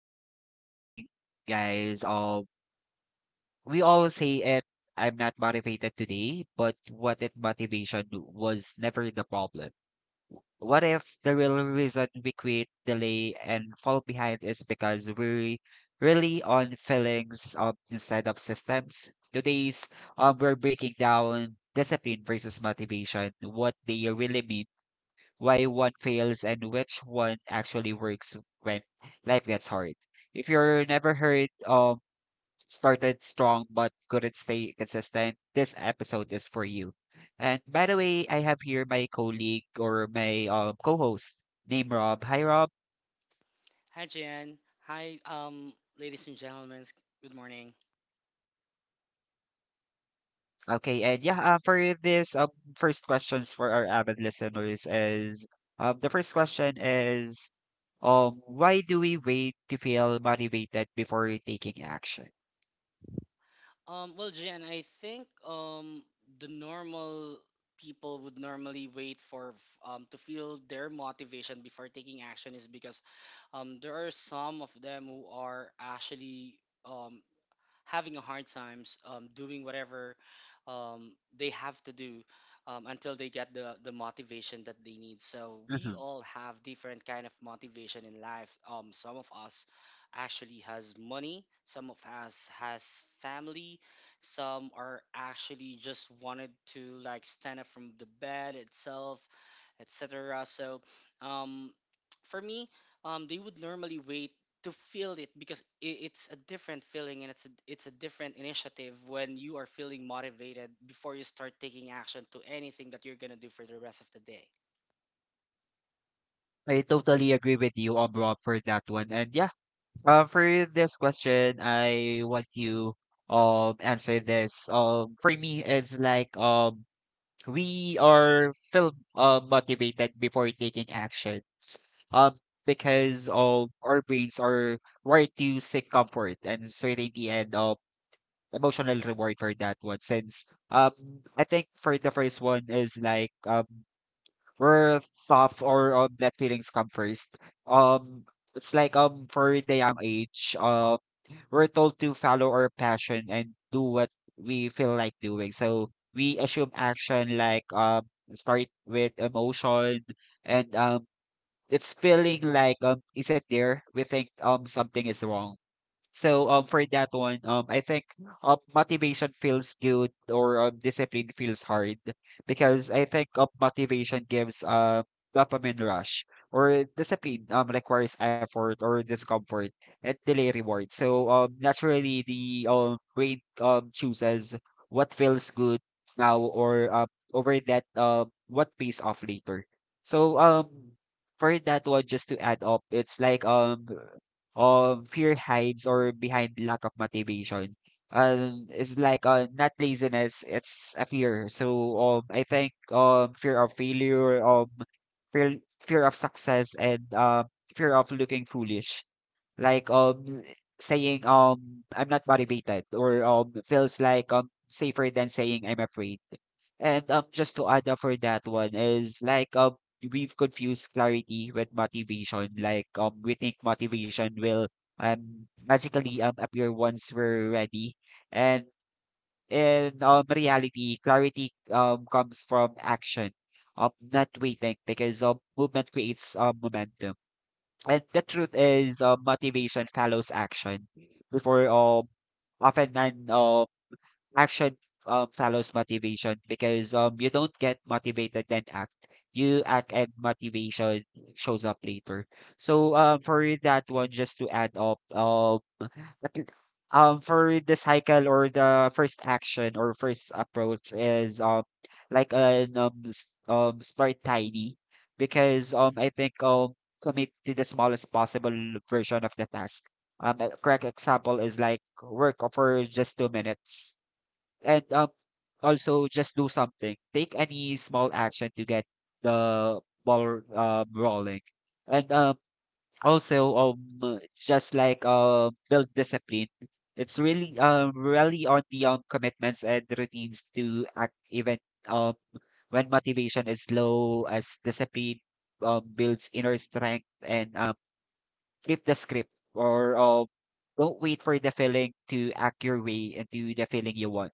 good morning, guys. We all say it, I'm not motivated today, but what if motivation was never the problem? What if the real reason we quit, delay, and fall behind is because we really on feelings instead of systems? Today's we're breaking down discipline versus motivation, what they really mean, why one fails and which one actually works when life gets hard. If you're never heard started strong but couldn't stay consistent, this episode is for you. And by the way, I have here my colleague or my co-host named Rob. Hi Rob. Hi, Jan. Hi, ladies and gentlemen. Good morning. Okay, and yeah, for this first questions for our avid listeners is, the first question is, why do we wait to feel motivated before taking action? Well, Jan, I think the normal people would normally wait for to feel their motivation before taking action is because there are some of them who are actually um, having a hard times doing whatever um, they have to do until they get the motivation that they need. So we all have different kind of motivation in life. Some of us actually has money, some of us has family, some are actually just wanted to like stand up from the bed itself, etc. So um, for me, they would normally wait to feel it because it's a different feeling, and it's it's a different initiative when you are feeling motivated before you start taking action to anything that you're going to do for the rest of the day. I totally agree with you, Rob, for that one. And yeah, for this question, I want you answer this. For me, it's like we are feel motivated before taking actions. Um, because our brains are wired to seek comfort and certainty and emotional reward for that one. Since um I think for the first one is like we're tough, or that feelings come first. Um, it's like for the young age, we're told to follow our passion and do what we feel like doing. So we assume action like start with emotion and it's feeling like is it there? We think something is wrong. So for that one, I think motivation feels good or discipline feels hard because I think motivation gives a dopamine rush or discipline requires effort or discomfort and delay reward. So naturally the brain chooses what feels good now or over that what pays off later. So for that one, just to add up, it's like of fear hides or behind lack of motivation. It's like not laziness, it's a fear. So I think fear of failure, fear of success, and fear of looking foolish. Like saying I'm not motivated, or feels like safer than saying I'm afraid. And just to add up for that one is like we've confused clarity with motivation. Like we think motivation will magically appear once we're ready, and in reality, clarity comes from action, not waiting because movement creates momentum. And the truth is, motivation follows action before often than Action, follows motivation because you don't get motivated then act. You act and motivation shows up later. So for that one, just to add up, at- for the cycle or the first action or first approach is like an start tiny because I think commit to the smallest possible version of the task. A correct example is like work for just 2 minutes and, also just do something. Take any small action to get the ball, rolling. And, also, just like, build discipline. It's really, really on the, commitments and routines to act even, um, when motivation is low, as discipline, builds inner strength and, flip the script or, don't wait for the feeling to act your way into the feeling you want.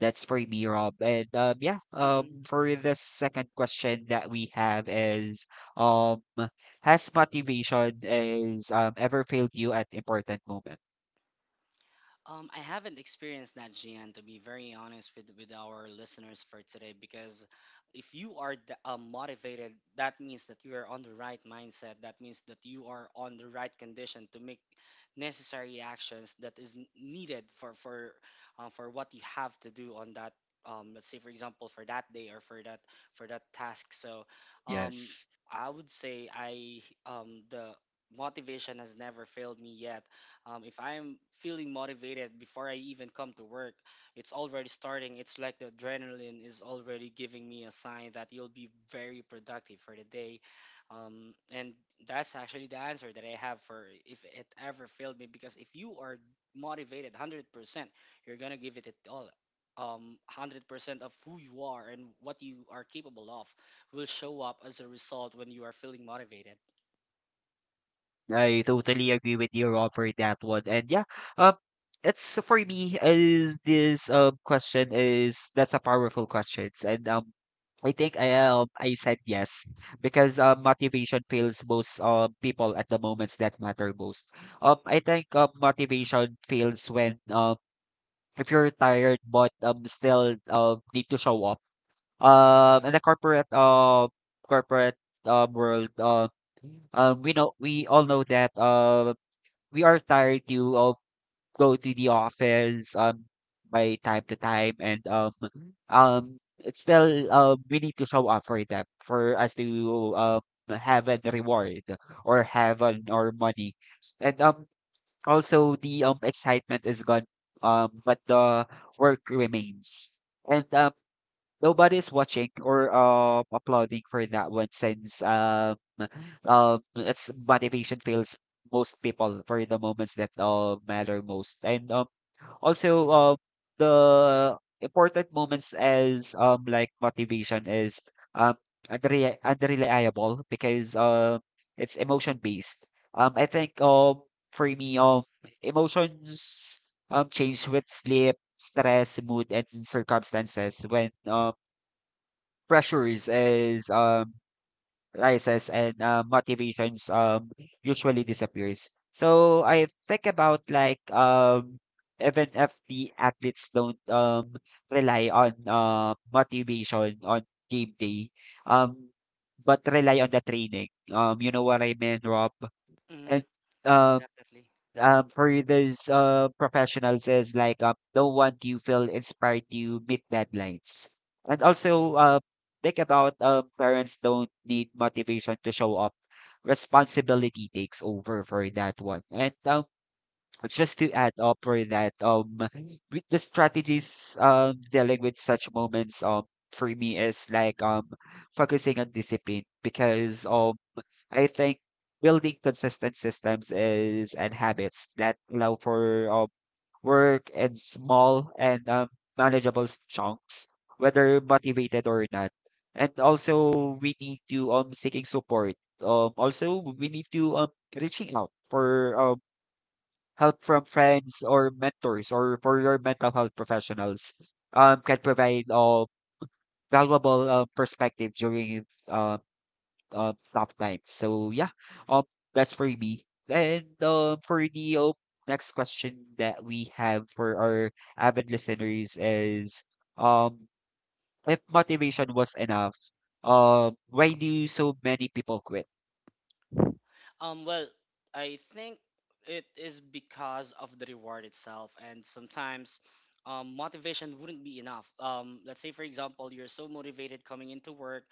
That's for me, Rob. And yeah, Hmm. For the second question that we have is, um, has motivation is ever failed you at important moment? I haven't experienced that, Gian, to be very honest with our listeners for today, because if you are motivated, that means that you are on the right mindset. That means that you are on the right condition to make necessary actions that is needed for for what you have to do on that. Let's say, for example, for that day or for that task. So, um, Yes. I would say I the motivation has never failed me yet. If I'm feeling motivated before I even come to work, it's already starting. It's like the adrenaline is already giving me a sign that you'll be very productive for the day. And that's actually the answer that I have for if it ever failed me. Because if you are motivated 100%, you're going to give it all. 100% of who you are and what you are capable of will show up as a result when you are feeling motivated. I totally agree with your offer that one. And yeah, um, it's so for me is this question is that's a powerful question, and I think I said yes because motivation fails most people at the moments that matter most. I think motivation fails when if you're tired but still need to show up in the corporate world, we know, we all know that we are tired to go to the office by time to time and it's still we need to show up for them for us to have a reward or have an or money. And also the excitement is gone, but the work remains. And nobody is watching or applauding for that one since it's motivation fails most people for the moments that matter most. And also the important moments as like motivation is um unreliable because it's emotion based. I think for me emotions change with sleep, stress, mood, and circumstances when pressures is rises and motivations usually disappears. So I think about like even if the athletes don't rely on motivation on game day, um but rely on the training. You know what I mean, Rob? And Hmm. um Definitely. For those professionals is like don't want you feel inspired to meet deadlines. And Right. also think about parents don't need motivation to show up, responsibility takes over for that one. And just to add up for that with the strategies dealing with such moments, for me is like focusing on discipline because I think building consistent systems is and habits that allow for work in small and manageable chunks, whether motivated or not. And also, we need to seeking support. Also, we need to reaching out for help from friends or mentors or for your mental health professionals. Can provide valuable perspective during tough times. So yeah, um, that's for me. And for the next question that we have for our avid listeners is, um, if motivation was enough, why do so many people quit? Well, I think it is because of the reward itself, and sometimes motivation wouldn't be enough. Let's say, for example, you're so motivated coming into work,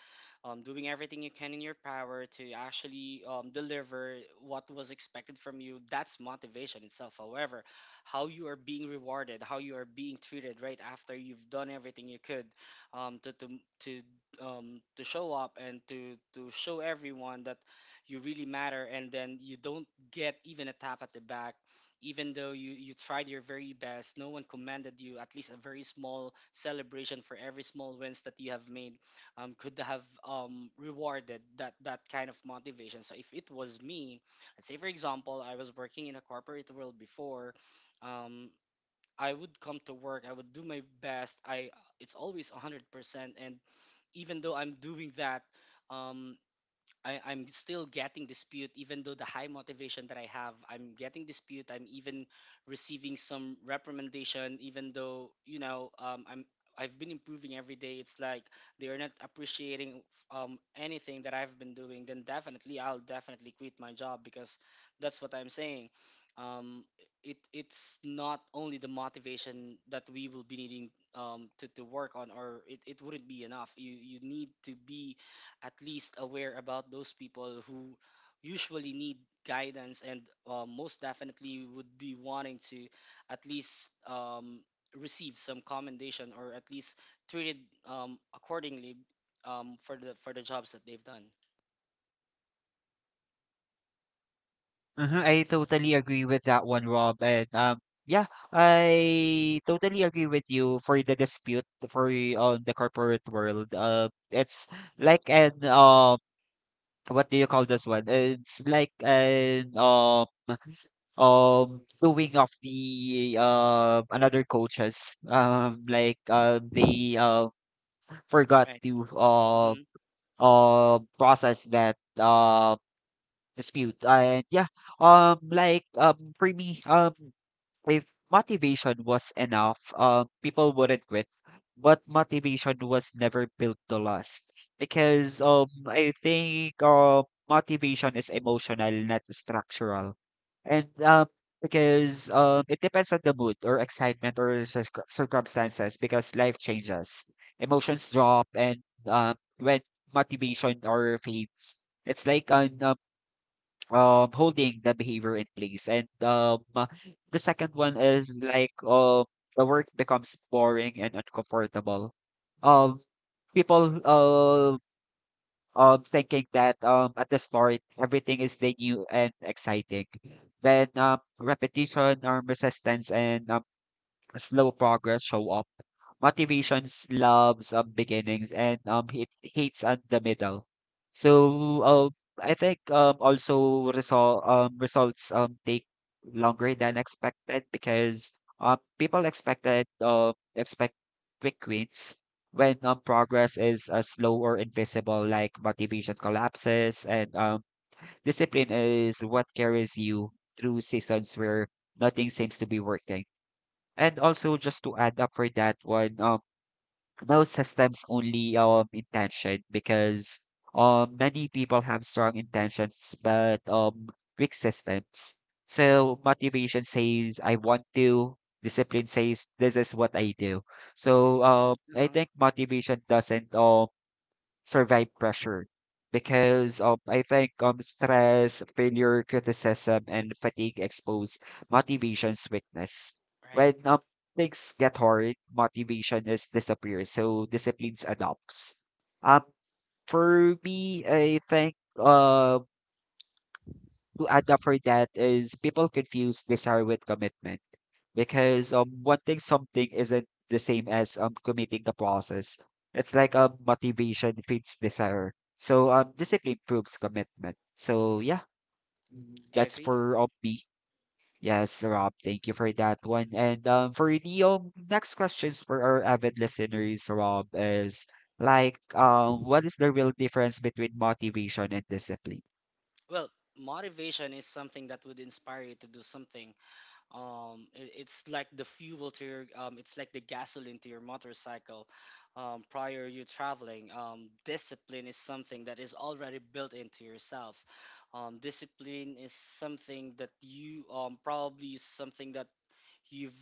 doing everything you can in your power to actually deliver what was expected from you. That's motivation itself. However, how you are being rewarded, how you are being treated right after you've done everything you could um, to to to to show up and to show everyone that you really matter, and then you don't get even a tap at the back. Even though you tried your very best, no one commended you. At least a very small celebration for every small wins that you have made could have rewarded that kind of motivation. So if it was me, let's say for example, I was working in a corporate world before. um, I would come to work, I would do my best. I It's always 100%. And even though I'm doing that, um, I'm still getting dispute. Even though the high motivation that I have, I'm getting dispute. I'm even receiving some reprimandation. Even though, you know, I've been improving every day. It's like they are not appreciating anything that I've been doing. Then definitely, I'll definitely quit my job. Because that's what I'm saying. Um, it it's not only the motivation that we will be needing to work on, or it wouldn't be enough. You need to be at least aware about those people who usually need guidance, and most definitely would be wanting to at least receive some commendation, or at least treated accordingly for the jobs that they've done. Hmm. I totally agree with that one, Rob. And yeah, I totally agree with you for the dispute for on the corporate world. It's like an what do you call this one? It's like an doing of the another coaches. Like they forgot Right. to Hmm. Process that dispute. And yeah, like for me, if motivation was enough, people wouldn't quit. But motivation was never built to last because I think motivation is emotional, not structural, and because it depends on the mood or excitement or circumstances. Because life changes, emotions drop, and when motivation or fades, it's like an holding the behavior in place. And the second one is like the work becomes boring and uncomfortable. um People thinking that at the start everything is the new and exciting, then repetition, resistance, and slow progress show up. Motivations loves beginnings and it hates at the middle. So I think also results take longer than expected because people expect quick wins. When progress is slow or invisible, like motivation collapses and discipline is what carries you through seasons where nothing seems to be working. And also just to add up for that one, no systems only intention because many people have strong intentions but weak systems. So motivation says I want to, discipline says this is what I do. So I Uh-huh. think motivation doesn't survive pressure because I think stress, failure, criticism, and fatigue expose motivation's weakness. Right. When things get hard, motivation is disappears, so disciplines adopts. Um, for me, I think to add up for that is people confuse desire with commitment because wanting something isn't the same as committing the process. It's like motivation feeds desire. So discipline proves commitment. So yeah, I that's agree. for me. Yes, Rob, thank you for that one. And for the next questions for our avid listeners, Rob, is like what is the real difference between motivation and discipline? Well, motivation is something that would inspire you to do something. It's like the fuel to your, it's like the gasoline to your motorcycle. Prior you traveling, discipline is something that is already built into yourself. Discipline is something that you, probably is something that you've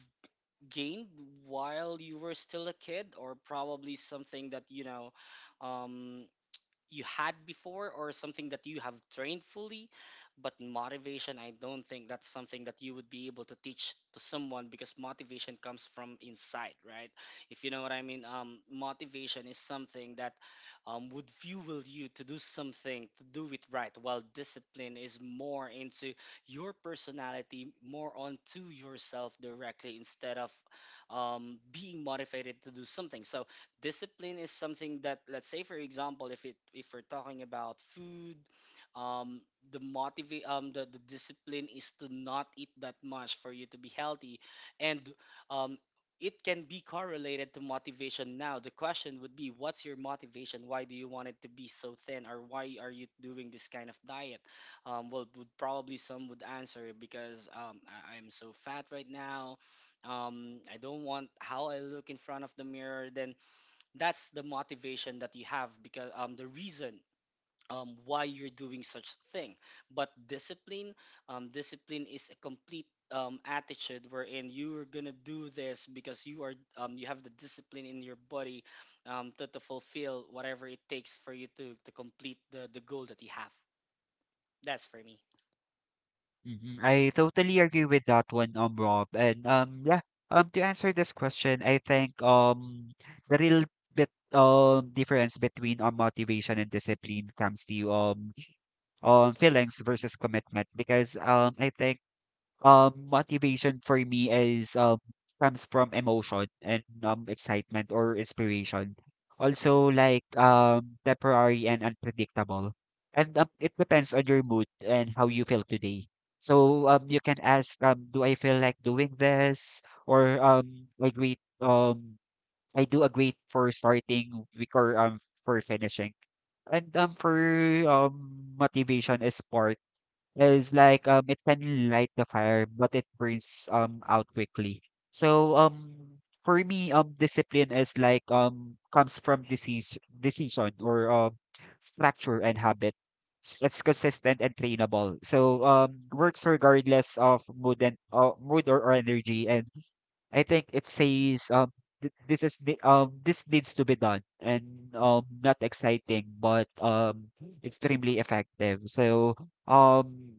gained while you were still a kid, or probably something that, you know, um, you had before, or something that you have trained fully. But motivation, I don't think that's something that you would be able to teach to someone, because motivation comes from inside, right? If you know what I mean. Motivation is something that would fuel you to do something, to do it right, while discipline is more into your personality, more onto yourself directly, instead of being motivated to do something. So discipline is something that, let's say for example, if we're talking about food, um the, discipline is to not eat that much for you to be healthy. And um it can be correlated to motivation. Now the question would be, what's your motivation? Why do you want it to be so thin, or why are you doing this kind of diet? Well, would probably some would answer because I'm so fat right now, I don't want how I look in front of the mirror. Then that's the motivation that you have, because the reason why you're doing such thing. But discipline, discipline is a complete attitude wherein you are gonna do this because you are you have the discipline in your body to fulfill whatever it takes for you to complete the goal that you have. That's for me. Mhm. I totally agree with that one, Rob. And yeah, to answer this question, I think the real bit difference between motivation and discipline comes to feelings versus commitment because I think motivation for me is comes from emotion and excitement or inspiration. Also like temporary and unpredictable. And it depends on your mood and how you feel today. So you can ask, do I feel like doing this or I great I do a great for starting week or for finishing. And for motivation is part it's like, it can light the fire, but it burns, out quickly. So, um, discipline is like, comes from decision or structure and habit. It's consistent and trainable. So, works regardless of mood or energy. And I think it says, th this is this needs to be done not exciting, but, extremely effective. Um,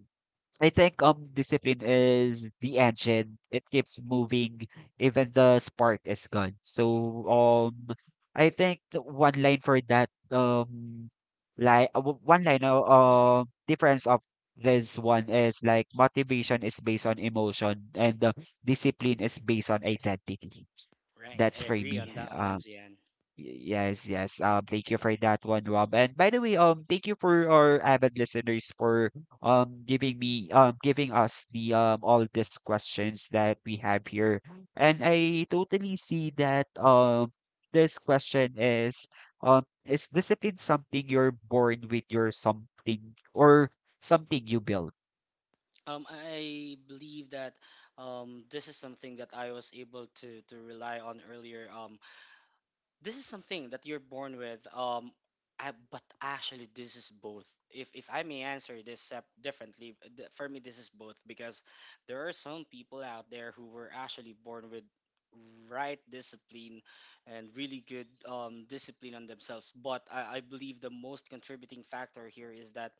I think discipline is the engine. It keeps moving even the spark is gone. So I think the one line for one line difference of this one is like motivation is based on emotion and discipline is based on identity. Right, That's I for agree me. on that one, Gian. Yes, yes. Thank you for that one, Rob. And by the way, thank you for our avid listeners for giving us the all these questions that we have here. And I totally see that this question is discipline something you're born with your something or something you build? I believe that this is something that I was able to rely on earlier. This is something that you're born with. But actually this is both. If I may answer this differently, for me this is both, because there are some people out there who were actually born with right discipline and really good discipline on themselves. But I believe the most contributing factor here is that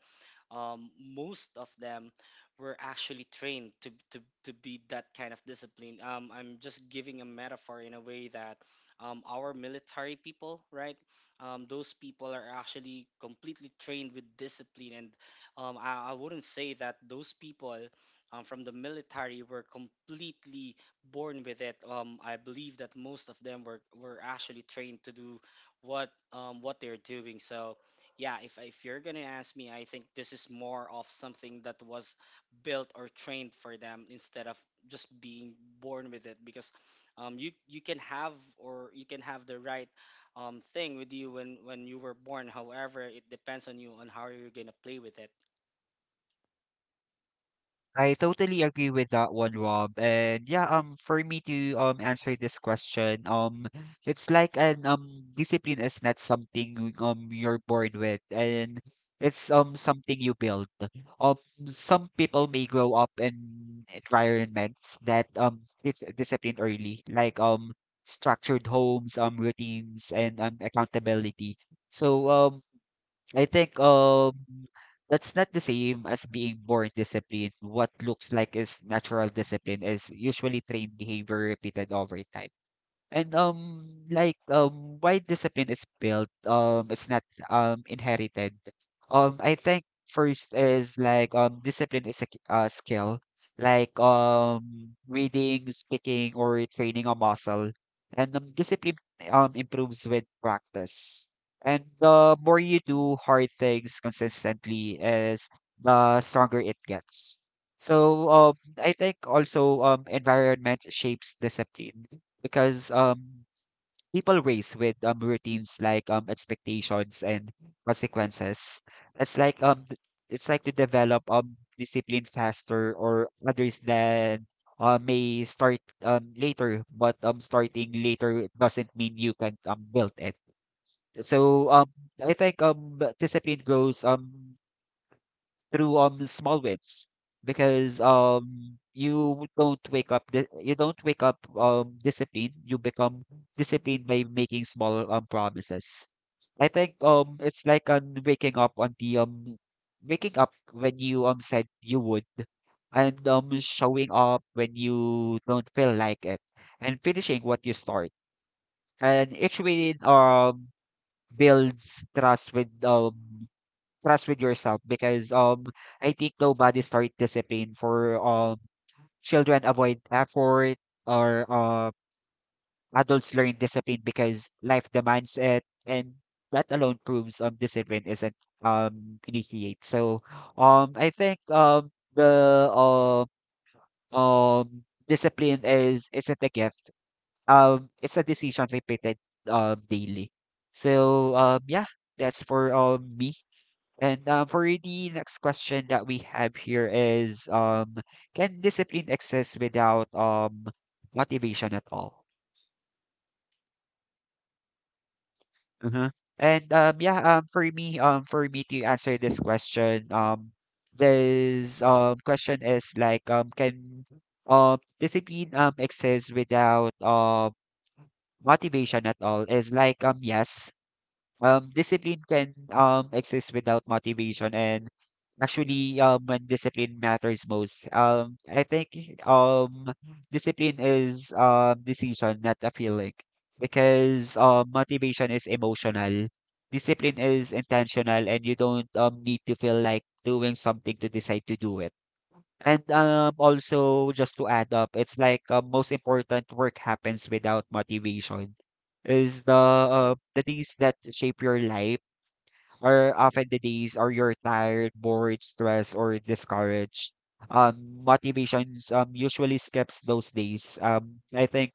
most of them were actually trained to be that kind of discipline. I'm just giving a metaphor in a way that our military people, right? Those people are actually completely trained with discipline. And I wouldn't say that those people from the military were completely born with it. I believe that most of them were actually trained to do what they're doing. So yeah, if you're gonna ask me, I think this is more of something that was built or trained for them instead of just being born with it. Because you you can have or you can have the right thing with you when you were born. However, it depends on you on how you're gonna play with it. I totally agree with that one, Rob. And yeah, for me to answer this question, it's like an discipline is not something you're born with, and it's something you build. Um, some people may grow up in environments that it's disciplined early, like structured homes, routines, and accountability. So I think that's not the same as being born disciplined. What looks like is natural discipline is usually trained behavior repeated over time. And why discipline is built it's not inherited. I think first is like discipline is a skill like reading, speaking or training a muscle. And discipline improves with practice. And the more you do hard things consistently is the stronger it gets. So I think also environment shapes discipline because people race with routines like expectations and consequences. It's like um th- it's like to develop discipline faster or others than may start later, but starting later doesn't mean you can build it. So I think the discipline grows through small wins because you don't wake up disciplined you become disciplined by making small promises. I think it's like on waking up on the waking up when you said you would and showing up when you don't feel like it and finishing what you start and each win builds trust with yourself because I think nobody start discipline for children avoid effort or adults learn discipline because life demands it and that alone proves discipline isn't initiate. So I think the um discipline is isn't a gift. It's a decision repeated daily. So yeah, that's for me. And for the next question that we have here is can discipline exist without motivation at all? Uh huh. And yeah, for me to answer this question is like can discipline exist without motivation at all? Is like yes, discipline can exist without motivation and actually when discipline matters most I think um, discipline is decision not a feeling because motivation is emotional discipline is intentional and you don't need to feel like doing something to decide to do it and also, just to add up, it's like most important work happens without motivation. Is the days that shape your life are often the days or you're tired, bored, stressed, or discouraged. Motivations usually skips those days. I think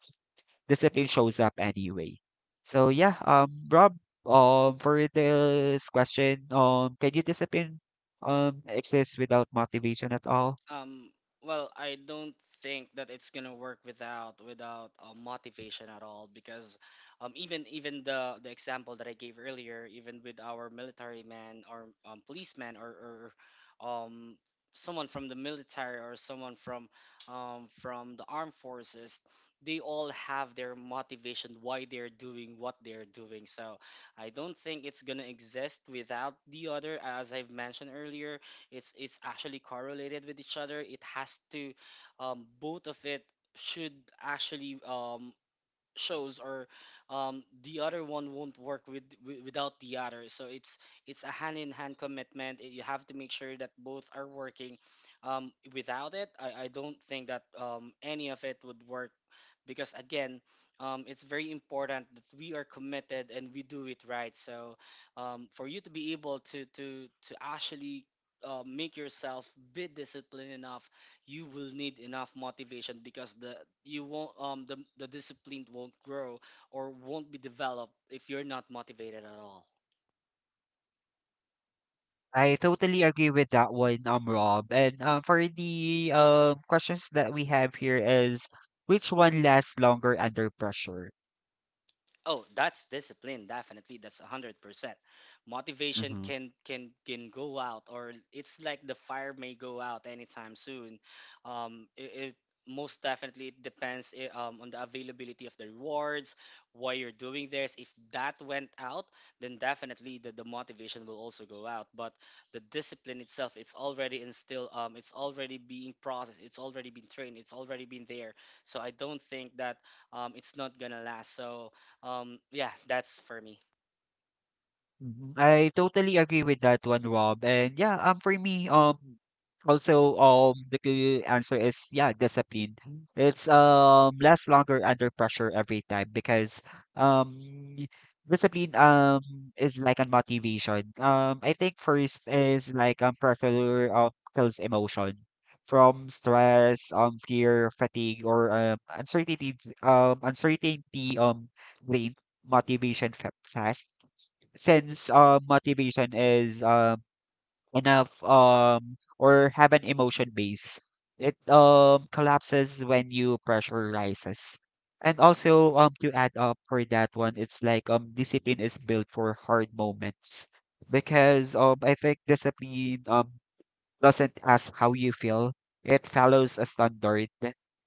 discipline shows up anyway. So yeah, Rob, for this question, can you discipline exist without motivation at all? Um, well, I don't think that it's gonna work without motivation at all, because even the example that I gave earlier, even with our military man, or policeman, or um, someone from the military, or someone from the armed forces, they all have their motivation why they're doing what they're doing. So I don't think it's gonna exist without the other. As I've mentioned earlier, it's actually correlated with each other. It has to both of it should actually shows, or the other one won't work without the other. So it's a hand in hand commitment. You have to make sure that both are working. Without it, I don't think that any of it would work. Because again, it's very important that we are committed and we do it right. So for you to be able to actually make yourself be disciplined enough, you will need enough motivation, because the you won't the discipline won't grow or won't be developed if you're not motivated at all. I totally agree with that one, Rob. And for the questions that we have here is which one lasts longer under pressure? Oh, that's discipline, definitely. That's 100%. Motivation Mm-hmm. can go out, or it's like the fire may go out anytime soon. It most definitely it depends on the availability of the rewards, why you're doing this. If that went out, then definitely the motivation will also go out. But the discipline itself, it's already instilled. It's already being processed, it's already been trained, it's already been there. So I don't think that it's not gonna last. So yeah, that's for me. Mhm. I totally agree with that one, Rob. And yeah, also, the answer is yeah, discipline. It's lasts longer under pressure every time because um discipline is like a motivation. I think first is like pressure kills emotion from stress, fear, fatigue, or uncertainty, um, uncertainty, um, drain motivation fast since motivation is enough or have an emotion base, it collapses when you pressure rises. And also to add up for that one, it's like discipline is built for hard moments because I think discipline doesn't ask how you feel. It follows a standard.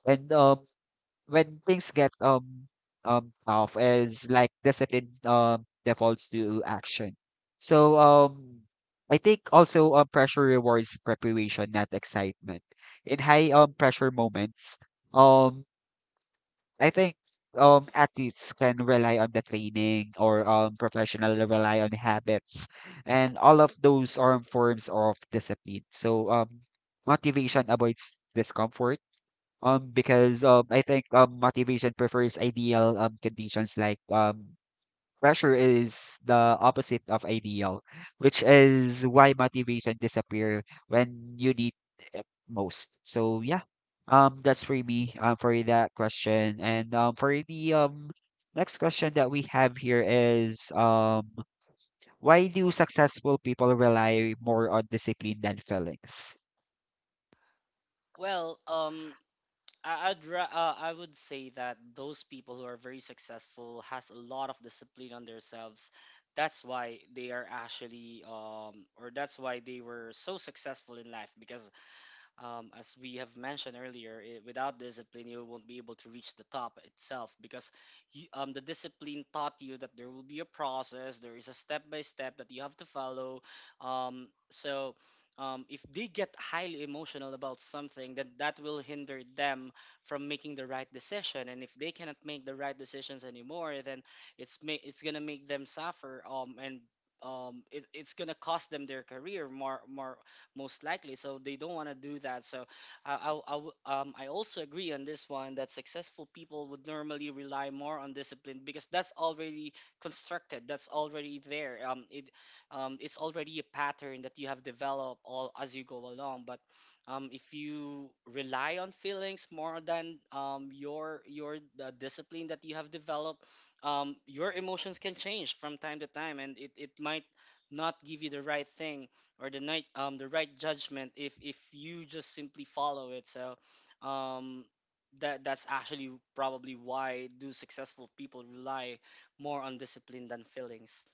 And when things get tough is like discipline defaults to action. So I think also pressure rewards preparation, not excitement. In high pressure moments, um I think athletes can rely on the training or professional rely on habits and all of those are forms of discipline. So motivation avoids discomfort because I think motivation prefers ideal conditions like pressure is the opposite of ideal, which is why motivation disappear when you need it most. So yeah, that's for me for that question. And for the next question that we have here is why do successful people rely more on discipline than feelings? Well, I'd I would say that those people who are very successful has a lot of discipline on themselves. That's why they are actually or that's why they were so successful in life because as we have mentioned earlier, I without discipline, you won't be able to reach the top itself because the discipline taught you that there will be a process, there is a step by step that you have to follow. Um, so, if they get highly emotional about something, then that will hinder them from making the right decision. And if they cannot make the right decisions anymore, then it's gonna make them suffer. It's gonna cost them their career more most likely. So they don't want to do that. So I also agree on this one that successful people would normally rely more on discipline because that's already constructed. That's already there. It's already a pattern that you have developed all as you go along. But if you rely on feelings more than your the discipline that you have developed, your emotions can change from time to time, and it might not give you the right thing or the night the right judgment if you just simply follow it. So um that's actually probably why do successful people rely more on discipline than feelings.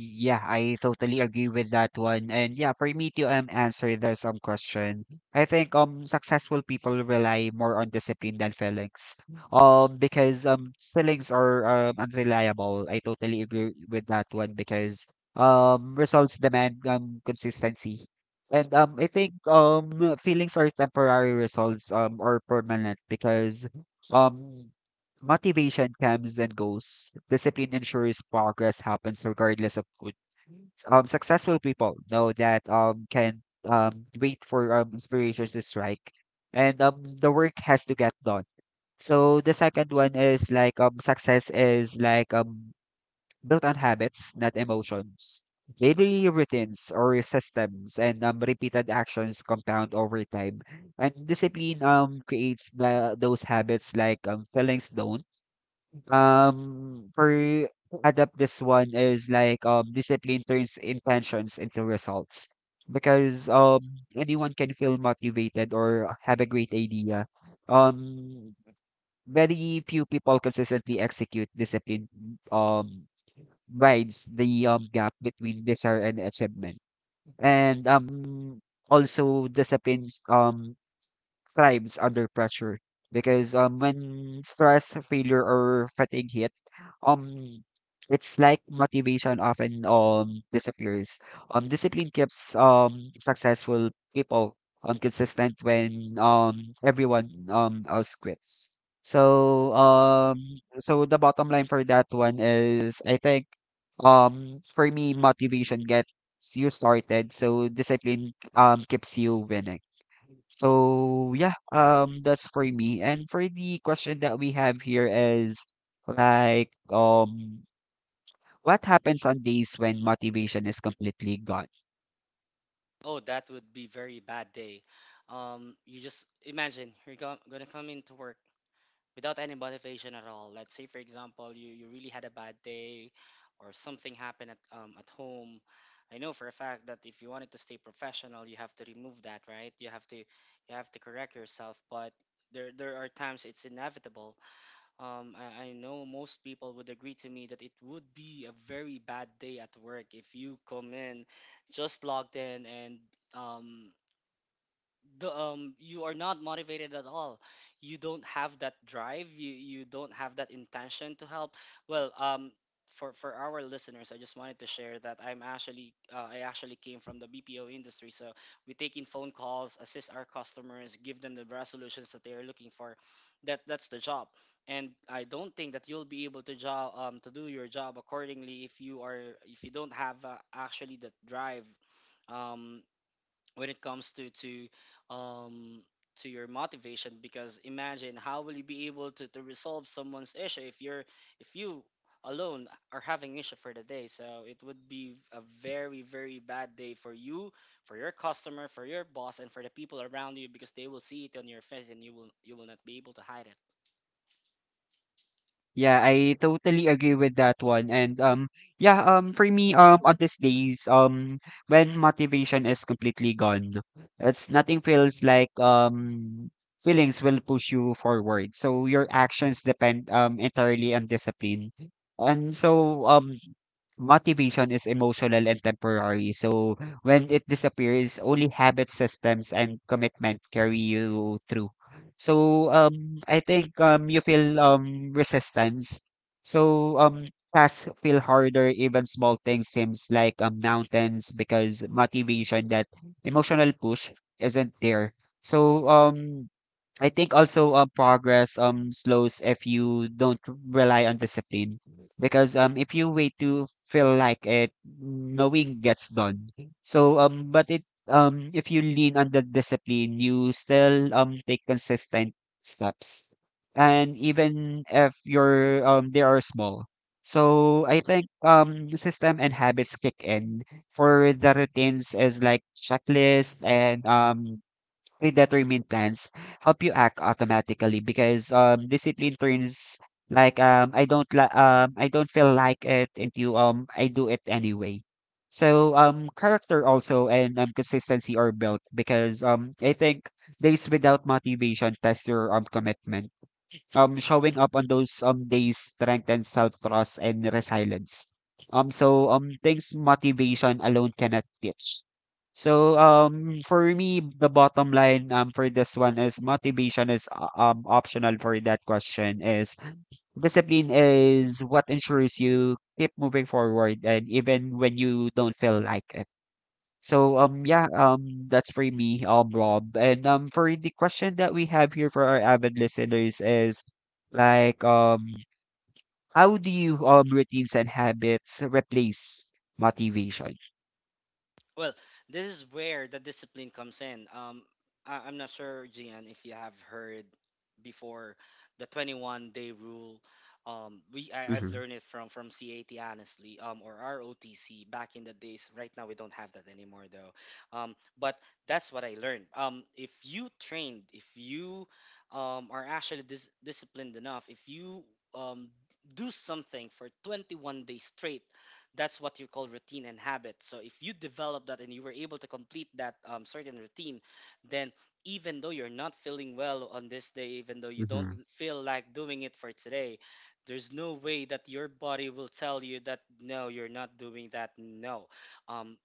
Yeah, I totally agree with that one. And yeah, for me to answer the some question, I think successful people rely more on discipline than feelings. Because feelings are unreliable. I totally agree with that one because results demand consistency. And I think feelings are temporary results or permanent because um motivation comes and goes. Discipline ensures progress happens regardless of food. Successful people know that can wait for inspirations to strike, and the work has to get done. So the second one is like success is like built on habits, not emotions. Daily routines or systems and repeated actions compound over time, and discipline creates those habits like feelings don't. For adapt this one is like discipline turns intentions into results because anyone can feel motivated or have a great idea. Um, Very few people consistently execute discipline um rides the gap between desire and achievement. And also disciplines thrives under pressure because when stress, failure, or fatigue hit, um it's like motivation often disappears. Discipline keeps successful people consistent when everyone else quits. So um so the bottom line for that one is I think for me motivation gets you started so discipline keeps you winning. So yeah, that's for me. And for the question that we have here is like, what happens on days when motivation is completely gone? Oh, that would be very bad day. You just imagine gonna come into work without any motivation at all. Let's say, for example, you really had a bad day or something happened at home. I know for a fact that if you wanted to stay professional, you have to remove that, right? You have to correct yourself, but there are times it's inevitable. I know most people would agree to me that it would be a very bad day at work if you come in just logged in and, um, the you are not motivated at all. You don't have that drive, you don't have that intention to help. well um for our listeners, I just wanted to share that I actually came from the BPO industry. So we take in phone calls, assist our customers, give them the resolutions that they are looking for. That's the job. And I don't think that you'll be able to job to do your job accordingly if you are, if you don't have, actually, that drive um when it comes to, um to your motivation. Because imagine how will you be able to resolve someone's issue if you're, if you alone are having issue for the day? So it would be a very very bad day for you, for your customer, for your boss, and for the people around you, because they will see it on your face and you will not be able to hide it. Yeah, I totally agree with that one. And yeah, for me on these days when motivation is completely gone, it's nothing feels like feelings will push you forward. So your actions depend entirely on discipline. And so motivation is emotional and temporary. So when it disappears, only habit systems and commitment carry you through. So, I think, you feel, resistance. So, tasks feel harder, even small things seems like, mountains because motivation, that emotional push isn't there. So, I think also progress slows if you don't rely on discipline because if you wait to feel like it knowing gets done so but it if you lean on the discipline you still take consistent steps and even if you're they are small so I think system and habits kick in for the routines is like checklist and predetermined plans help you act automatically because discipline turns like I don't feel like it into I do it anyway. So character also and consistency are built because I think days without motivation test your commitment showing up on those days strengthens self trust and resilience. Things motivation alone cannot teach. So for me the bottom line for this one is motivation is optional for that question is discipline is what ensures you keep moving forward and even when you don't feel like it. So yeah, that's for me, Rob. And for the question that we have here for our avid listeners is like um how do you routines and habits replace motivation? Well, this is where the discipline comes in. I'm not sure, Gian, if you have heard before the 21-day rule. We I, I've Mm-hmm. learned it from CAT, honestly, or ROTC back in the days. Right now we don't have that anymore though. But that's what I learned. If you trained, if you are actually disciplined enough, if you um, do something for 21 days straight, that's what you call routine and habit. So if you develop that and you were able to complete that certain routine, then even though you're not feeling well on this day, even though you don't Mm-hmm. feel like doing it for today, there's no way that your body will tell you that no, you're not doing that. No um,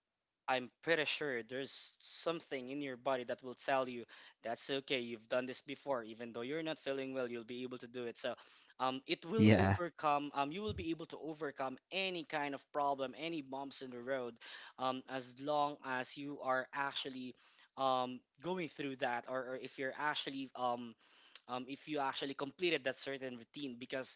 I'm pretty sure there's something in your body that will tell you that's okay. You've done this before. Even though you're not feeling well, you'll be able to do it. So, it will Yeah. overcome. You will be able to overcome any kind of problem, any bumps in the road, as long as you are actually going through that. Or if you're actually if you actually completed that certain routine. Because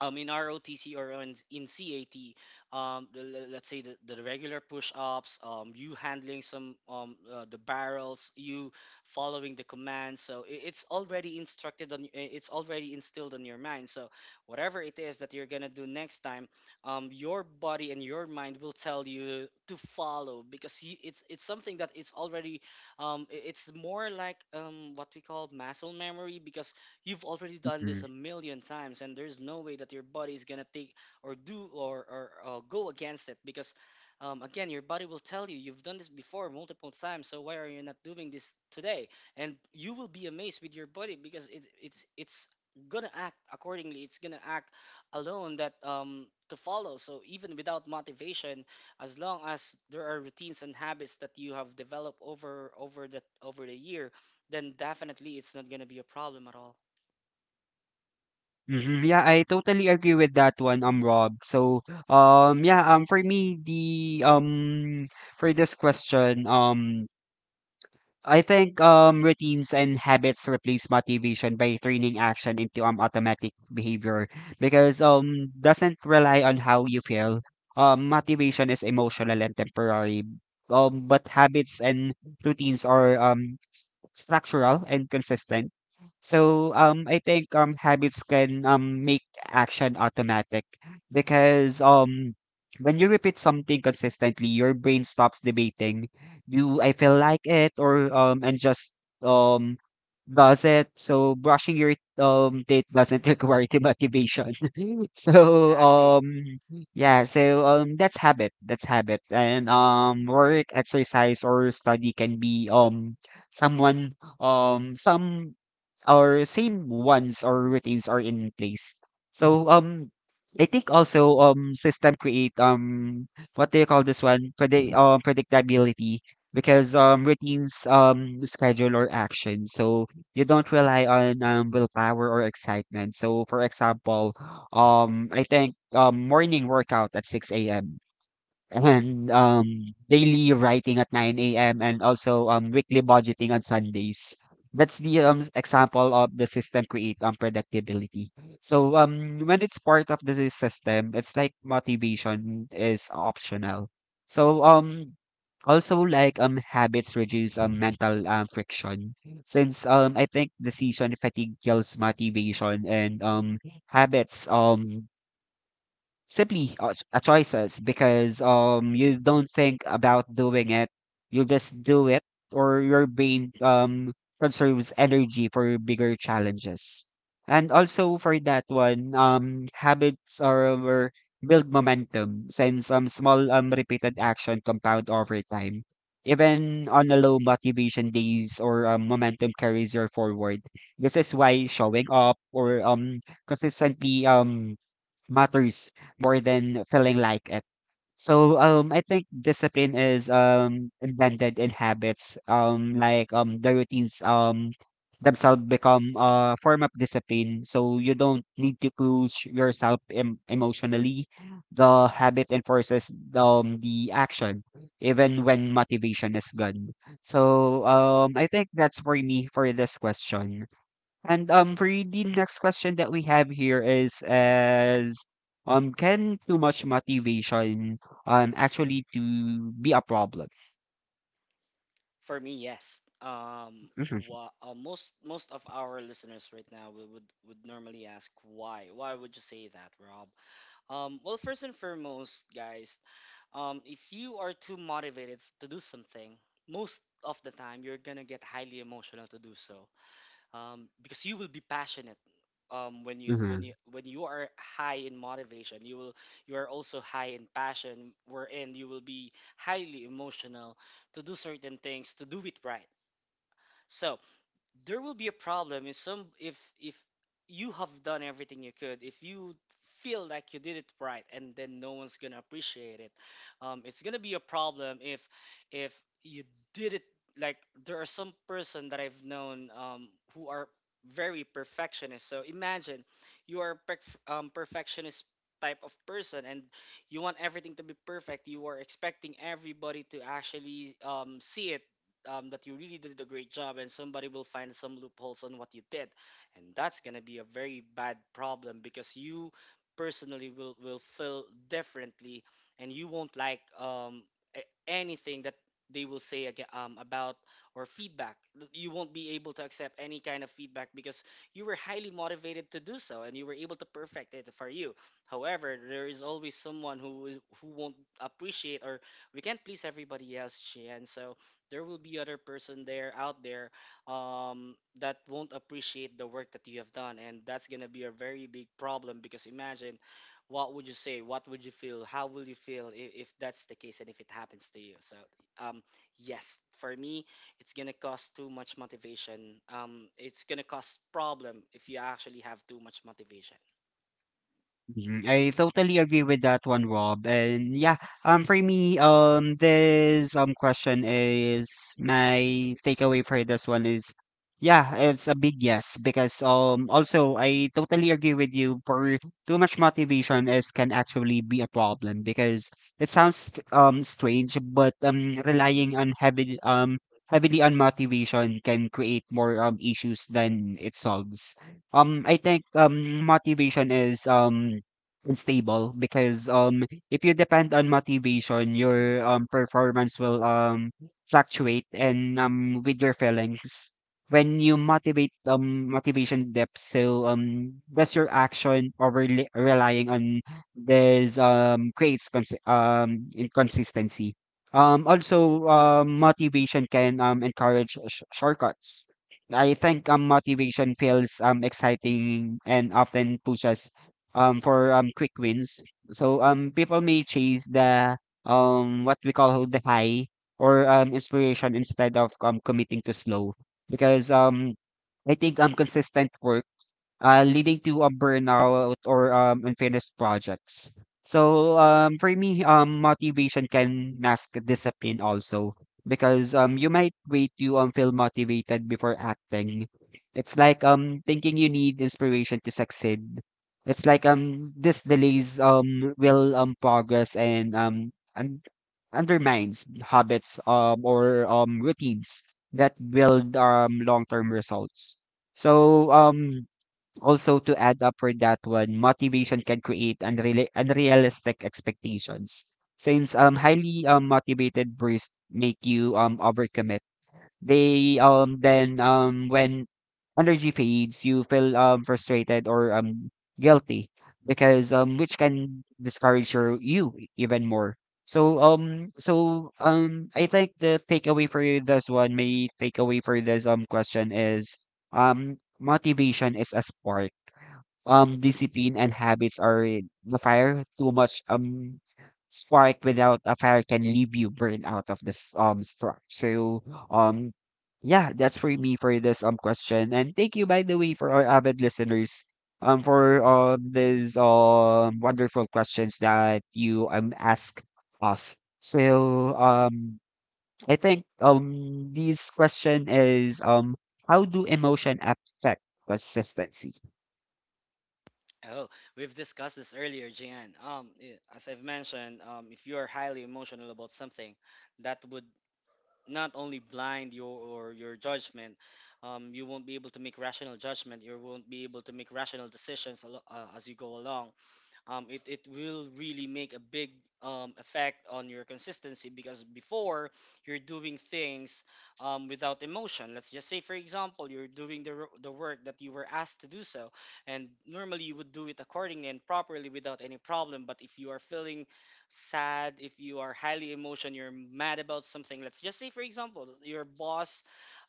in ROTC or on, in CAT, let's say the regular push-ups, you handling some the barrels, you following the commands. So it's already instructed on, it's already instilled in your mind. So whatever it is that you're gonna do next time, your body and your mind will tell you to follow, because it's something that it's already, it's more like, what we call muscle memory. Because you've already done Mm-hmm. this a million times and there's no way that your body is going to take or do or go against it. Because, again, your body will tell you you've done this before multiple times, so why are you not doing this today? And you will be amazed with your body because it's gonna act accordingly. It's gonna act alone that to follow. So even without motivation, as long as there are routines and habits that you have developed over that over the year, then definitely it's not going to be a problem at all. Mm-hmm. Yeah, I totally agree with that one, Rob. So yeah, for me the for this question, I think routines and habits replace motivation by turning action into automatic behavior because doesn't rely on how you feel. Motivation is emotional and temporary. But habits and routines are structural and consistent. So I think habits can make action automatic because when you repeat something consistently, your brain stops debating, do I feel like it? Or And just um does it. So brushing your teeth doesn't require the motivation. so Exactly. um yeah, so that's habit. That's habit. And work, exercise or study can be some or same ones or routines are in place. So I think also system create what do you call this one? Predictability Right. because routines schedule or action, so you don't rely on willpower or excitement. So for example, I think morning workout at 6 a.m. and daily writing at 9 a.m. and also weekly budgeting on Sundays. That's the example of the system create predictability. So when it's part of the system, it's like motivation is optional. So also like habits reduce mental friction since I think decision fatigue kills motivation, and habits simply choices because you don't think about doing it. You just do it, or your brain conserves energy for bigger challenges. And also for that one, habits build momentum since small repeated action compound over time. Even on a low motivation days, or momentum carries you forward. This is why showing up or consistently matters more than feeling like it. So I think discipline is embedded in habits, like the routines themselves become a form of discipline, so you don't need to push yourself emotionally. The habit enforces the action even when motivation is gone. So I think that's for me for this question. And for the next question that we have here is as can too much motivation actually to be a problem? For me, yes. Mhm, Most of our listeners right now would, would normally ask why. Why would you say that, Rob? Well, first and foremost, guys, if you are too motivated to do something, most of the time you're gonna get highly emotional to do so. Because you will be passionate, mhm. When you are high in motivation, you will, you are also high in passion, wherein you will be highly emotional to do certain things, to do it right. So there will be a problem if you have done everything you could, if you feel like you did it right and then no one's gonna appreciate it. It's gonna be a problem if you did it, like, there are some person that I've known, who are very perfectionist. So imagine, you are perfectionist type of person, and you want everything to be perfect. You are expecting everybody to actually, see it, that you really did a great job, and somebody will find some loopholes on what you did. And that's going to be a very bad problem because you personally will feel differently, and you won't like, anything that they will say again, about, or feedback. You won't be able to accept any kind of feedback because you were highly motivated to do so and you were able to perfect it for you. However, there is always someone who is, who won't appreciate, or we can't please everybody else, Chien. So there will be other person there out there, that won't appreciate the work that you have done. And that's going to be a very big problem, because imagine what would you say, what would you feel, how will you feel if that's the case and if it happens to you? So, um, yes, for me, it's going to cause too much motivation. It's going to cause problem if you actually have too much motivation. Mhm, I totally agree with that one, Rob. And yeah, for me, this question is, my takeaway for this one is, yeah, it's a big yes, because also I totally agree with you. For too much motivation is can actually be a problem because it sounds strange, but relying on heavy heavily on motivation can create more issues than it solves. I think motivation is unstable because if you depend on motivation, your performance will fluctuate and with your feelings. When you motivate motivation depth, so does your action. Relying on this creates inconsistency. Also motivation can encourage shortcuts. I think motivation feels exciting and often pushes for quick wins. So people may chase the what we call the high or inspiration instead of committing to slow, because I think consistent work leading to a burnout or unfinished projects. So for me motivation can mask discipline also because you might wait to feel motivated before acting. It's like thinking you need inspiration to succeed. It's like this delays will progress and undermines habits or routines that build long-term results. So also to add up for that one, motivation can create unrealistic expectations. Since highly motivated bursts make you overcommit, they then when energy fades, you feel frustrated or guilty because which can discourage you even more. So I think the takeaway for this one, my takeaway for this question is, motivation is a spark, discipline and habits are the fire. Too much spark without a fire can leave you burn out of this spark. So um yeah, that's for me for this question. And thank you, by the way, for our avid listeners, for these wonderful questions that you ask us. So I think this question is, how do emotion affect consistency? Oh, we've discussed this earlier, Jian. As I've mentioned, if you're highly emotional about something, that would not only blind your or your judgment. You won't be able to make rational judgment, you won't be able to make rational decisions as you go along. It will really make a big effect on your consistency. Because before, you're doing things without emotion. Let's just say, for example, you're doing the work that you were asked to do so, and normally you would do it accordingly and properly without any problem. But if you are feeling sad, if you are highly emotion, you're mad about something, let's just say, for example, your boss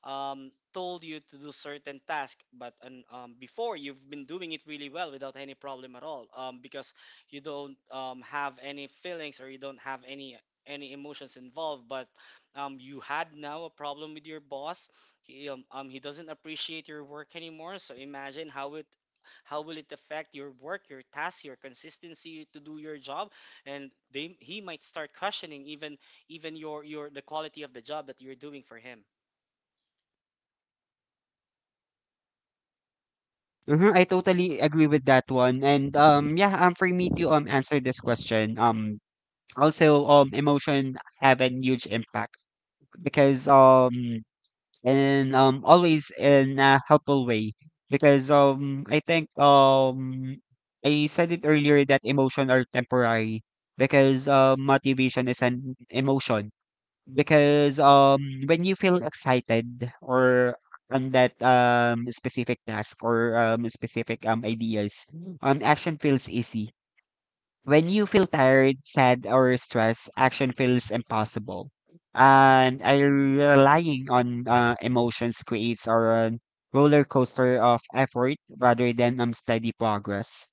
told you to do certain task but before you've been doing it really well without any problem at all, because you don't have any feelings or you don't have any emotions involved, but you had now a problem with your boss. He doesn't appreciate your work anymore, so imagine how it, how will it affect your work, your task, your consistency to do your job. And they he might start questioning even, even your the quality of the job that you're doing for him. Mhm, I totally agree with that one. And yeah, for me to answer this question, also emotion have a huge impact because and always in a helpful way, because I think I said it earlier that emotion are temporary because motivation is an emotion. Because, when you feel excited or on that, specific task or, specific, ideas, action feels easy. When you feel tired, sad, or stressed, action feels impossible. And I, relying on emotions creates a roller coaster of effort rather than steady progress.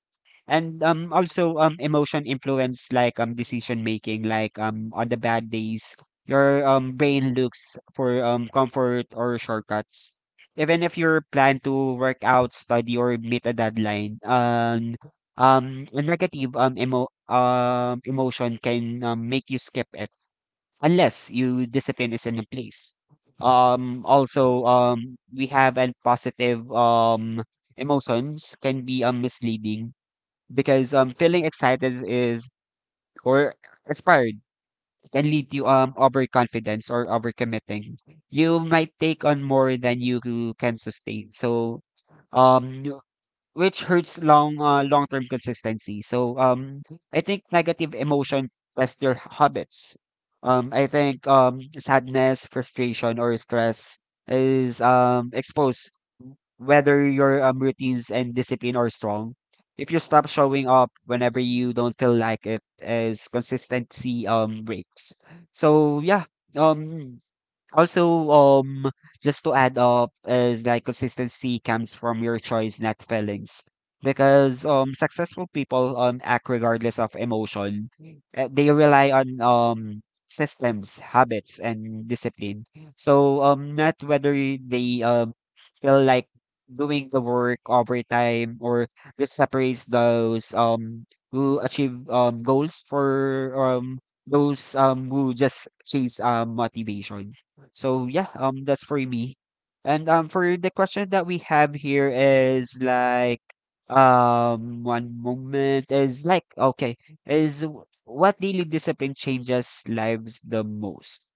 And also emotion influence like decision making, like on the bad days, your brain looks for comfort or shortcuts. Even if you plan to work out, study, or meet a deadline, a negative emotion can make you skip it unless you discipline is in place. Also we have a positive, emotions can be misleading because feeling excited is or inspired can lead to overconfidence or overcommitting. You might take on more than you can sustain. So um which hurts long-term consistency. So I think negative emotions test your habits. I think sadness, frustration or stress is exposed whether your routines and discipline are strong. If you stop showing up whenever you don't feel like it, as consistency breaks. So yeah, um also, um, just to add up is, like, consistency comes from your choice, not feelings. Because successful people act regardless of emotion. They rely on systems, habits, and discipline. So not whether they feel like doing the work overtime, or this separates those who achieve goals for those who just chase motivation. So yeah, that's for me. And for the question that we have here is like one moment is like, okay, is what daily discipline changes lives the most?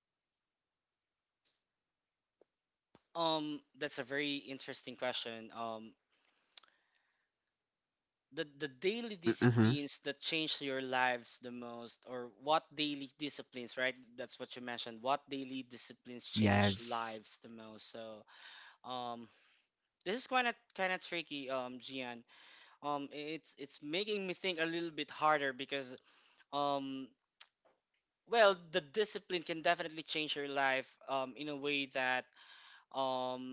That's a very interesting question. The daily Mm-hmm. disciplines that change your lives the most, or what daily disciplines, right? That's what you mentioned. What daily disciplines change Yes. lives the most? So, um, this is kind of tricky, Gian. It's making me think a little bit harder because, um, well, the discipline can definitely change your life, in a way that, um.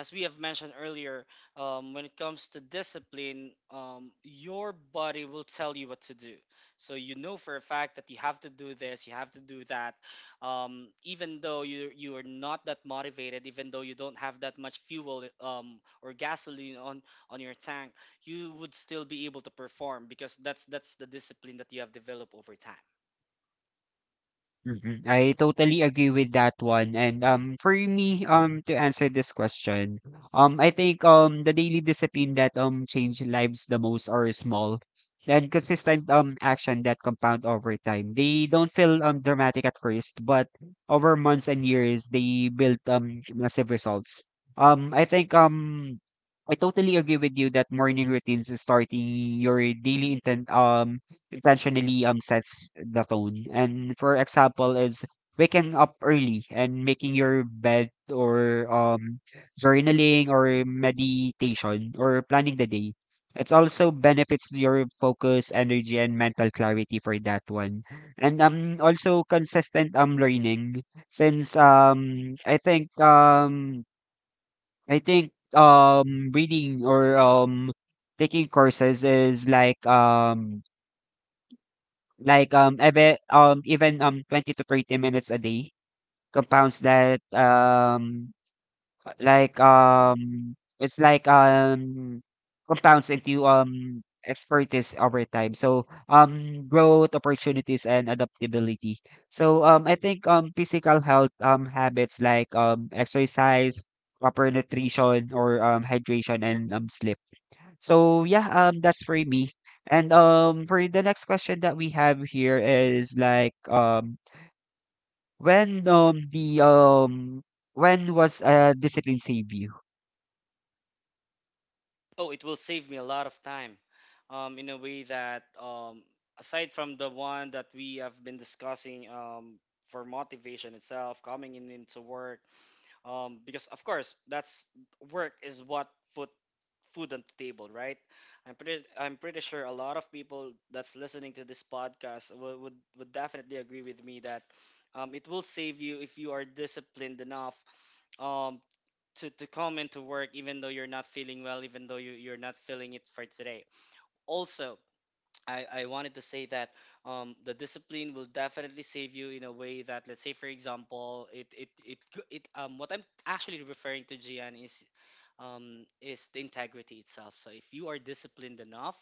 as we have mentioned earlier, when it comes to discipline, your body will tell you what to do. So you know for a fact that you have to do this, you have to do that. Even though you are not that motivated, even though you don't have that much fuel or gasoline on your tank, you would still be able to perform because that's the discipline that you have developed over time. Mhm. I totally agree with that one. And for me, to answer this question, I think the daily discipline that change lives the most are small and consistent action that compound over time. They don't feel dramatic at first, but over months and years they build massive results. I think I totally agree with you that morning routines is starting your daily intent intentionally sets the tone. And for example, is waking up early and making your bed, or journaling, or meditation, or planning the day. It also benefits your focus, energy, and mental clarity for that one. And also consistent learning, since I think reading or taking courses is like even 20 to 30 minutes a day compounds that, like, it's like, compounds into, expertise over time. So, growth opportunities and adaptability. So, I think, physical health, habits like, exercise, proper nutrition or, hydration and, sleep. So yeah, that's for me. And for the next question that we have here is like, when um the um when was discipline save you? Oh, it will save me a lot of time in a way that aside from the one that we have been discussing, for motivation itself, coming in into work, because of course, that's work is what put food on the table, right? I'm pretty sure a lot of people that's listening to this podcast would definitely agree with me that it will save you if you are disciplined enough um, to come into work even though you're not feeling well even though you're not feeling it for today also I wanted to say that the discipline will definitely save you in a way that, let's say for example it it it, go- it what I'm actually referring to, Gian, is the integrity itself. So if you are disciplined enough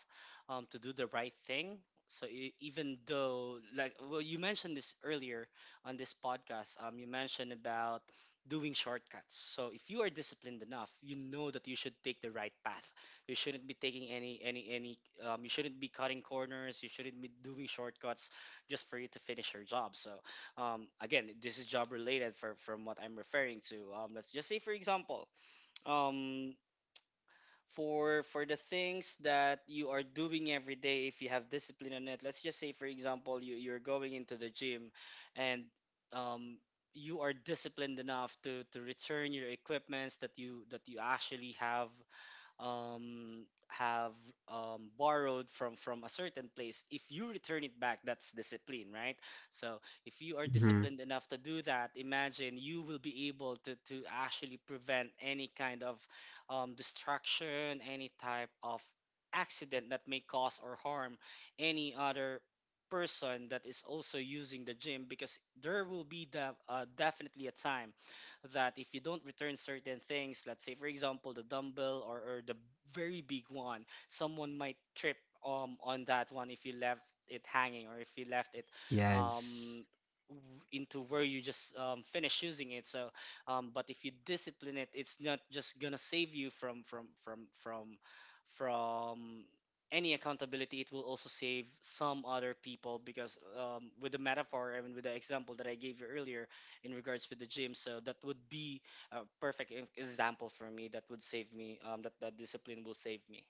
to do the right thing, so even though, like, well, you mentioned this earlier on this podcast, you mentioned about doing shortcuts. So if you are disciplined enough, you know that you should take the right path. You shouldn't be taking any. You shouldn't be cutting corners. You shouldn't be doing shortcuts just for you to finish your job. So again, this is job related for from what I'm referring to. Let's just say, for example. Um, for the things that you are doing every day, if you have discipline on it, let's just say for example, you're going into the gym and um, you are disciplined enough to return your equipments that you actually have borrowed from a certain place. If you return it back, that's discipline, right? So if you are Hmm. disciplined enough to do that, imagine you will be able to actually prevent any kind of destruction, any type of accident that may cause or harm any other person that is also using the gym, because there will be, definitely a time that if you don't return certain things. Let's say for example the dumbbell, or the very big one, someone might trip on that one if you left it hanging or if you left it um Yes. Into where you just finish using it. So but if you discipline it, it's not just gonna save you from any accountability. It will also save some other people because with the metaphor and with the example that I gave you earlier in regards with the gym. So that would be a perfect example for me. That would save me. That discipline will save me.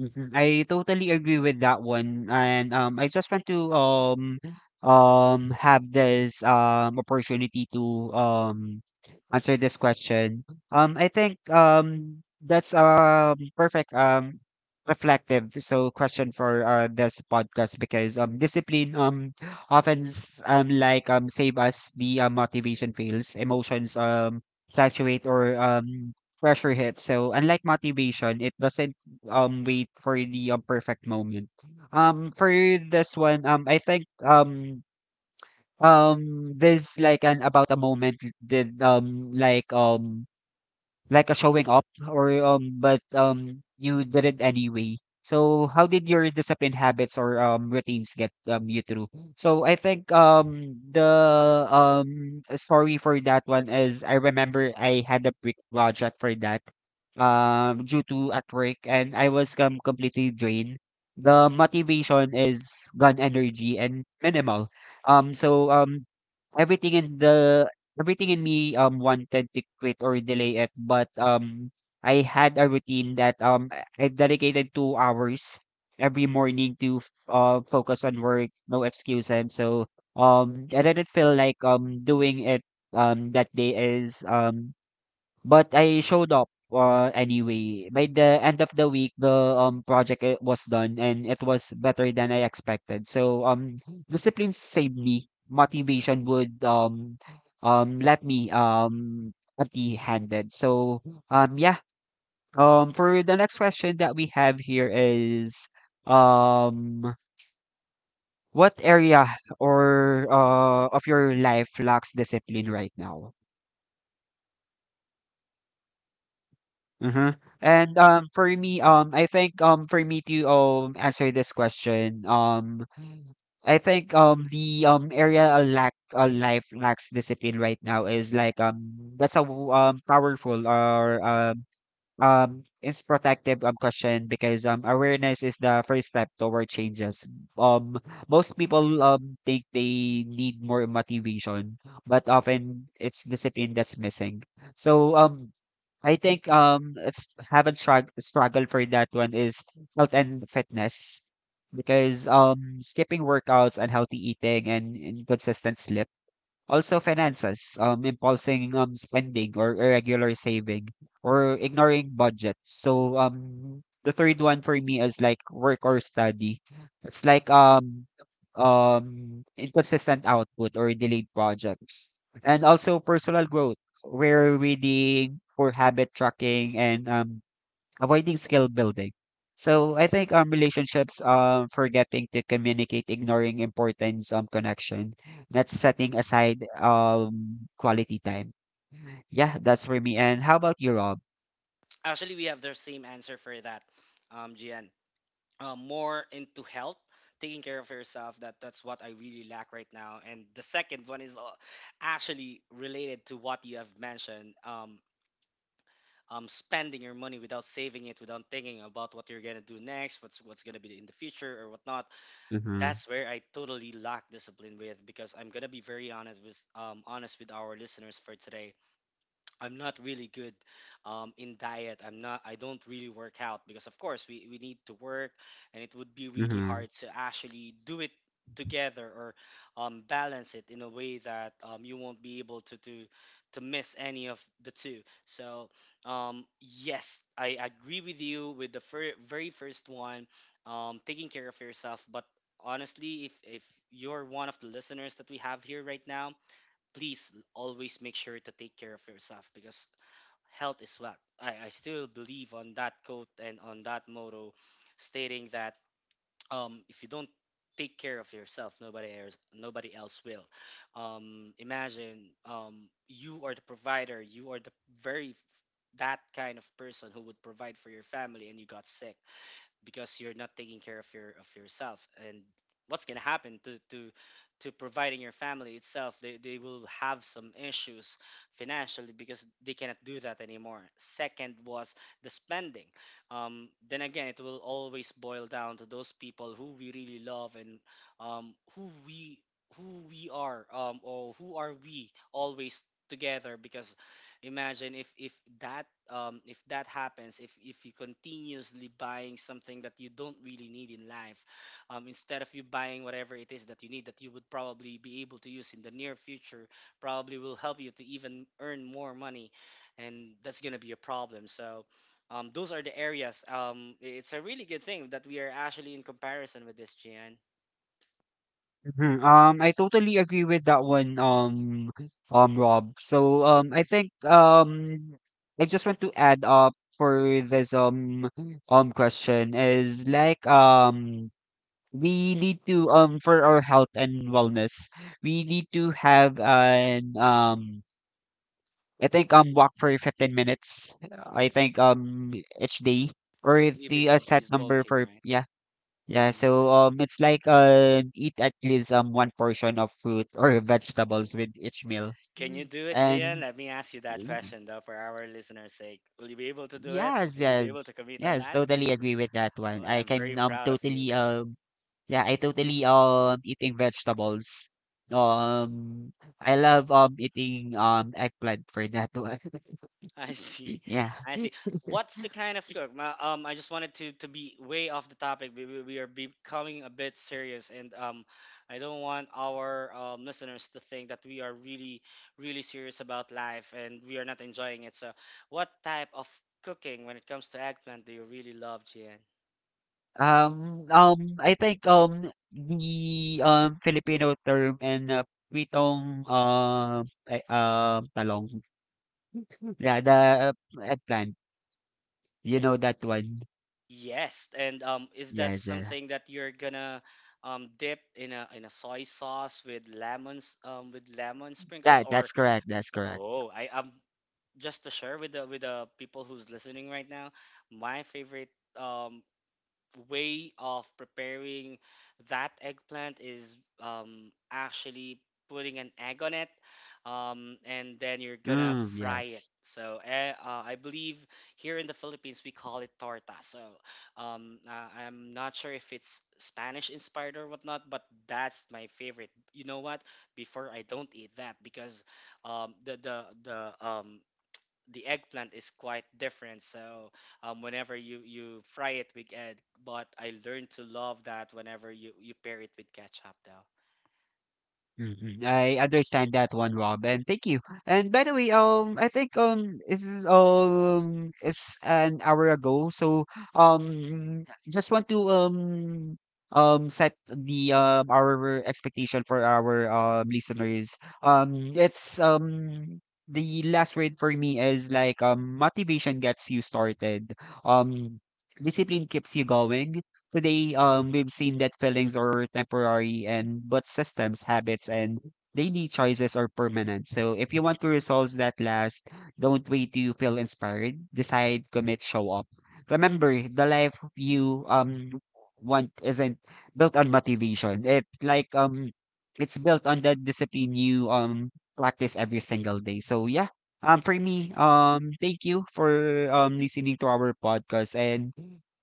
Mhm, I totally agree with that one, and, I just want to, have this, opportunity to, answer this question. I think, that's, perfect, reflective, so question for, this podcast because, discipline, save us the, motivation fails, emotions, fluctuate or, pressure hits. So unlike motivation, it doesn't wait for the perfect moment. For this one, I think there's like an about a moment did like like a showing off or, but, you did it anyway. So how did your discipline habits or, routines get, you through? So I think, the, story for that one is, I remember I had a big project for that, due to at work, and I was, completely drained. The motivation is gun energy and minimal. Um, so, um, Everything in the everything in me, wanted to quit or delay it, but I had a routine that, um, I dedicated 2 hours every morning to f focus on work, no excuse, and so I didn't feel like, doing it that day is, um but I showed up anyway. By the end of the week, the was done and it was better than I expected. So discipline saved me. Motivation would let me empty handed. So yeah. For the next question that we have here is um what area or of your life lacks discipline right now? Mhm. And for me, I think for me to answer this question, I think the area a lack a life lacks discipline right now is like that's a powerful or it's protective question because awareness is the first step toward changes. Um most people think they need more motivation, but often it's discipline that's missing. So I think it's haven't strugg struggled for that one is health and fitness because skipping workouts, unhealthy eating, and inconsistent sleep, also finances, impulsing spending or irregular saving or ignoring budgets. So, the third one for me is like work or study. It's like inconsistent output or delayed projects. And also personal growth, where reading, poor habit tracking, and avoiding skill building. So I think relationships, forgetting to communicate, ignoring importance connection, not setting aside quality time. Yeah, that's for me. And how about you, Rob? Actually, we have the same answer for that, Gian. More into health, taking care of yourself. That's what I really lack right now. And the second one is actually related to what you have mentioned. Spending your money without saving it, without thinking about what you're gonna do next, what's gonna be in the future or whatnot. That's where I totally lack discipline with, because I'm gonna be very honest with our listeners for today. I'm not really good in diet. I'm not. I don't really work out because, of course, we need to work, and it would be really Mm-hmm. hard to actually do it together or balance it in a way that you won't be able to to miss any of the two. So, yes, I agree with you with the very first one, taking care of yourself. But honestly, if you're one of the listeners that we have here right now, please always make sure to take care of yourself, because health is wealth. I still believe on that quote and on that motto stating that if you don't take care of yourself, nobody else will imagine you are the provider, you are the very that kind of person who would provide for your family, and you got sick because you're not taking care of yourself, and what's going to happen to to providing your family itself? They will have some issues financially because they cannot do that anymore. Second was the spending then again it will always boil down to those people who we really love, and um, who we who we are or who are we always together, because imagine if that um, if that happens, if you continuously buying something that you don't really need in life um, instead of you buying whatever it is that you need, that you would probably be able to use in the near future, probably will help you to even earn more money, and that's going to be a problem. So um, those are the areas um, it's a really good thing that we are actually in comparison with this, Jan. Mm-hmm. I totally agree with that one, Rob. So I think I just want to add up for this question is like, we need to for our health and wellness we need to have an I think walk for 15 minutes I think each day, I or believe the it's a a set breeze number walking, for, right? yeah. Yeah, Mm-hmm. so it's like eat at least one portion of fruit or vegetables with each meal. Can you Mm. do it, Gian? And Let me ask you that y- question, though, for our listeners' sake. Will you be able to do it? yes, Will you be able to yes, commit on yes, that? totally agree with that Well, one. I I'm very can proud of you totally because yeah, I totally eating vegetables. Um, I love eating eggplant for that one. I see, Yeah. I see. What's the kind of cook? I just wanted to be way off the topic. We are becoming a bit serious, and I don't want our listeners to think that we are really, really serious about life and we are not enjoying it. So, what type of cooking when it comes to eggplant do you really love, Gian? I think the Filipino term and pritong talong. Yeah, the uh, eggplant. You know that one? Yes, and is that Yes. Something that you're gonna dip in a soy sauce with lemons um, with lemon sprinkles That or that's correct. That's correct. oh I um, just to share with the people who's listening right now, my favorite way of preparing that eggplant is actually putting an egg on it, and then you're gonna Mm, fry it. yes. So eh, I believe here in the Philippines we call it torta. So I'm not sure if it's Spanish inspired or whatnot, but that's my favorite. You know what? Before I don't eat that because um, the the the um, the eggplant is quite different. So whenever you fry it with egg, but I learned to love that whenever you pair it with ketchup, though. Mm-mm. I understand that one, Rob, and thank you. And by the way, I think this is it's an hour ago, so um, just want to set the our expectation for our listeners. It's. The last word for me is like, motivation gets you started. Um discipline keeps you going. Today, we've seen that feelings are temporary and but systems, habits, and daily choices are permanent. So if you want to results that last, don't wait till you feel inspired. Decide, commit, show up. Remember, the life you want isn't built on motivation. It like it's built on the discipline you practice every single day. So yeah. For me, thank you for listening to our podcast, and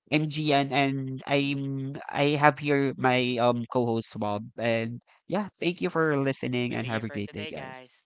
MGN, and I have here my co-host Swab, and yeah, thank you for listening We and thank you have a for great day, today, guys. guys.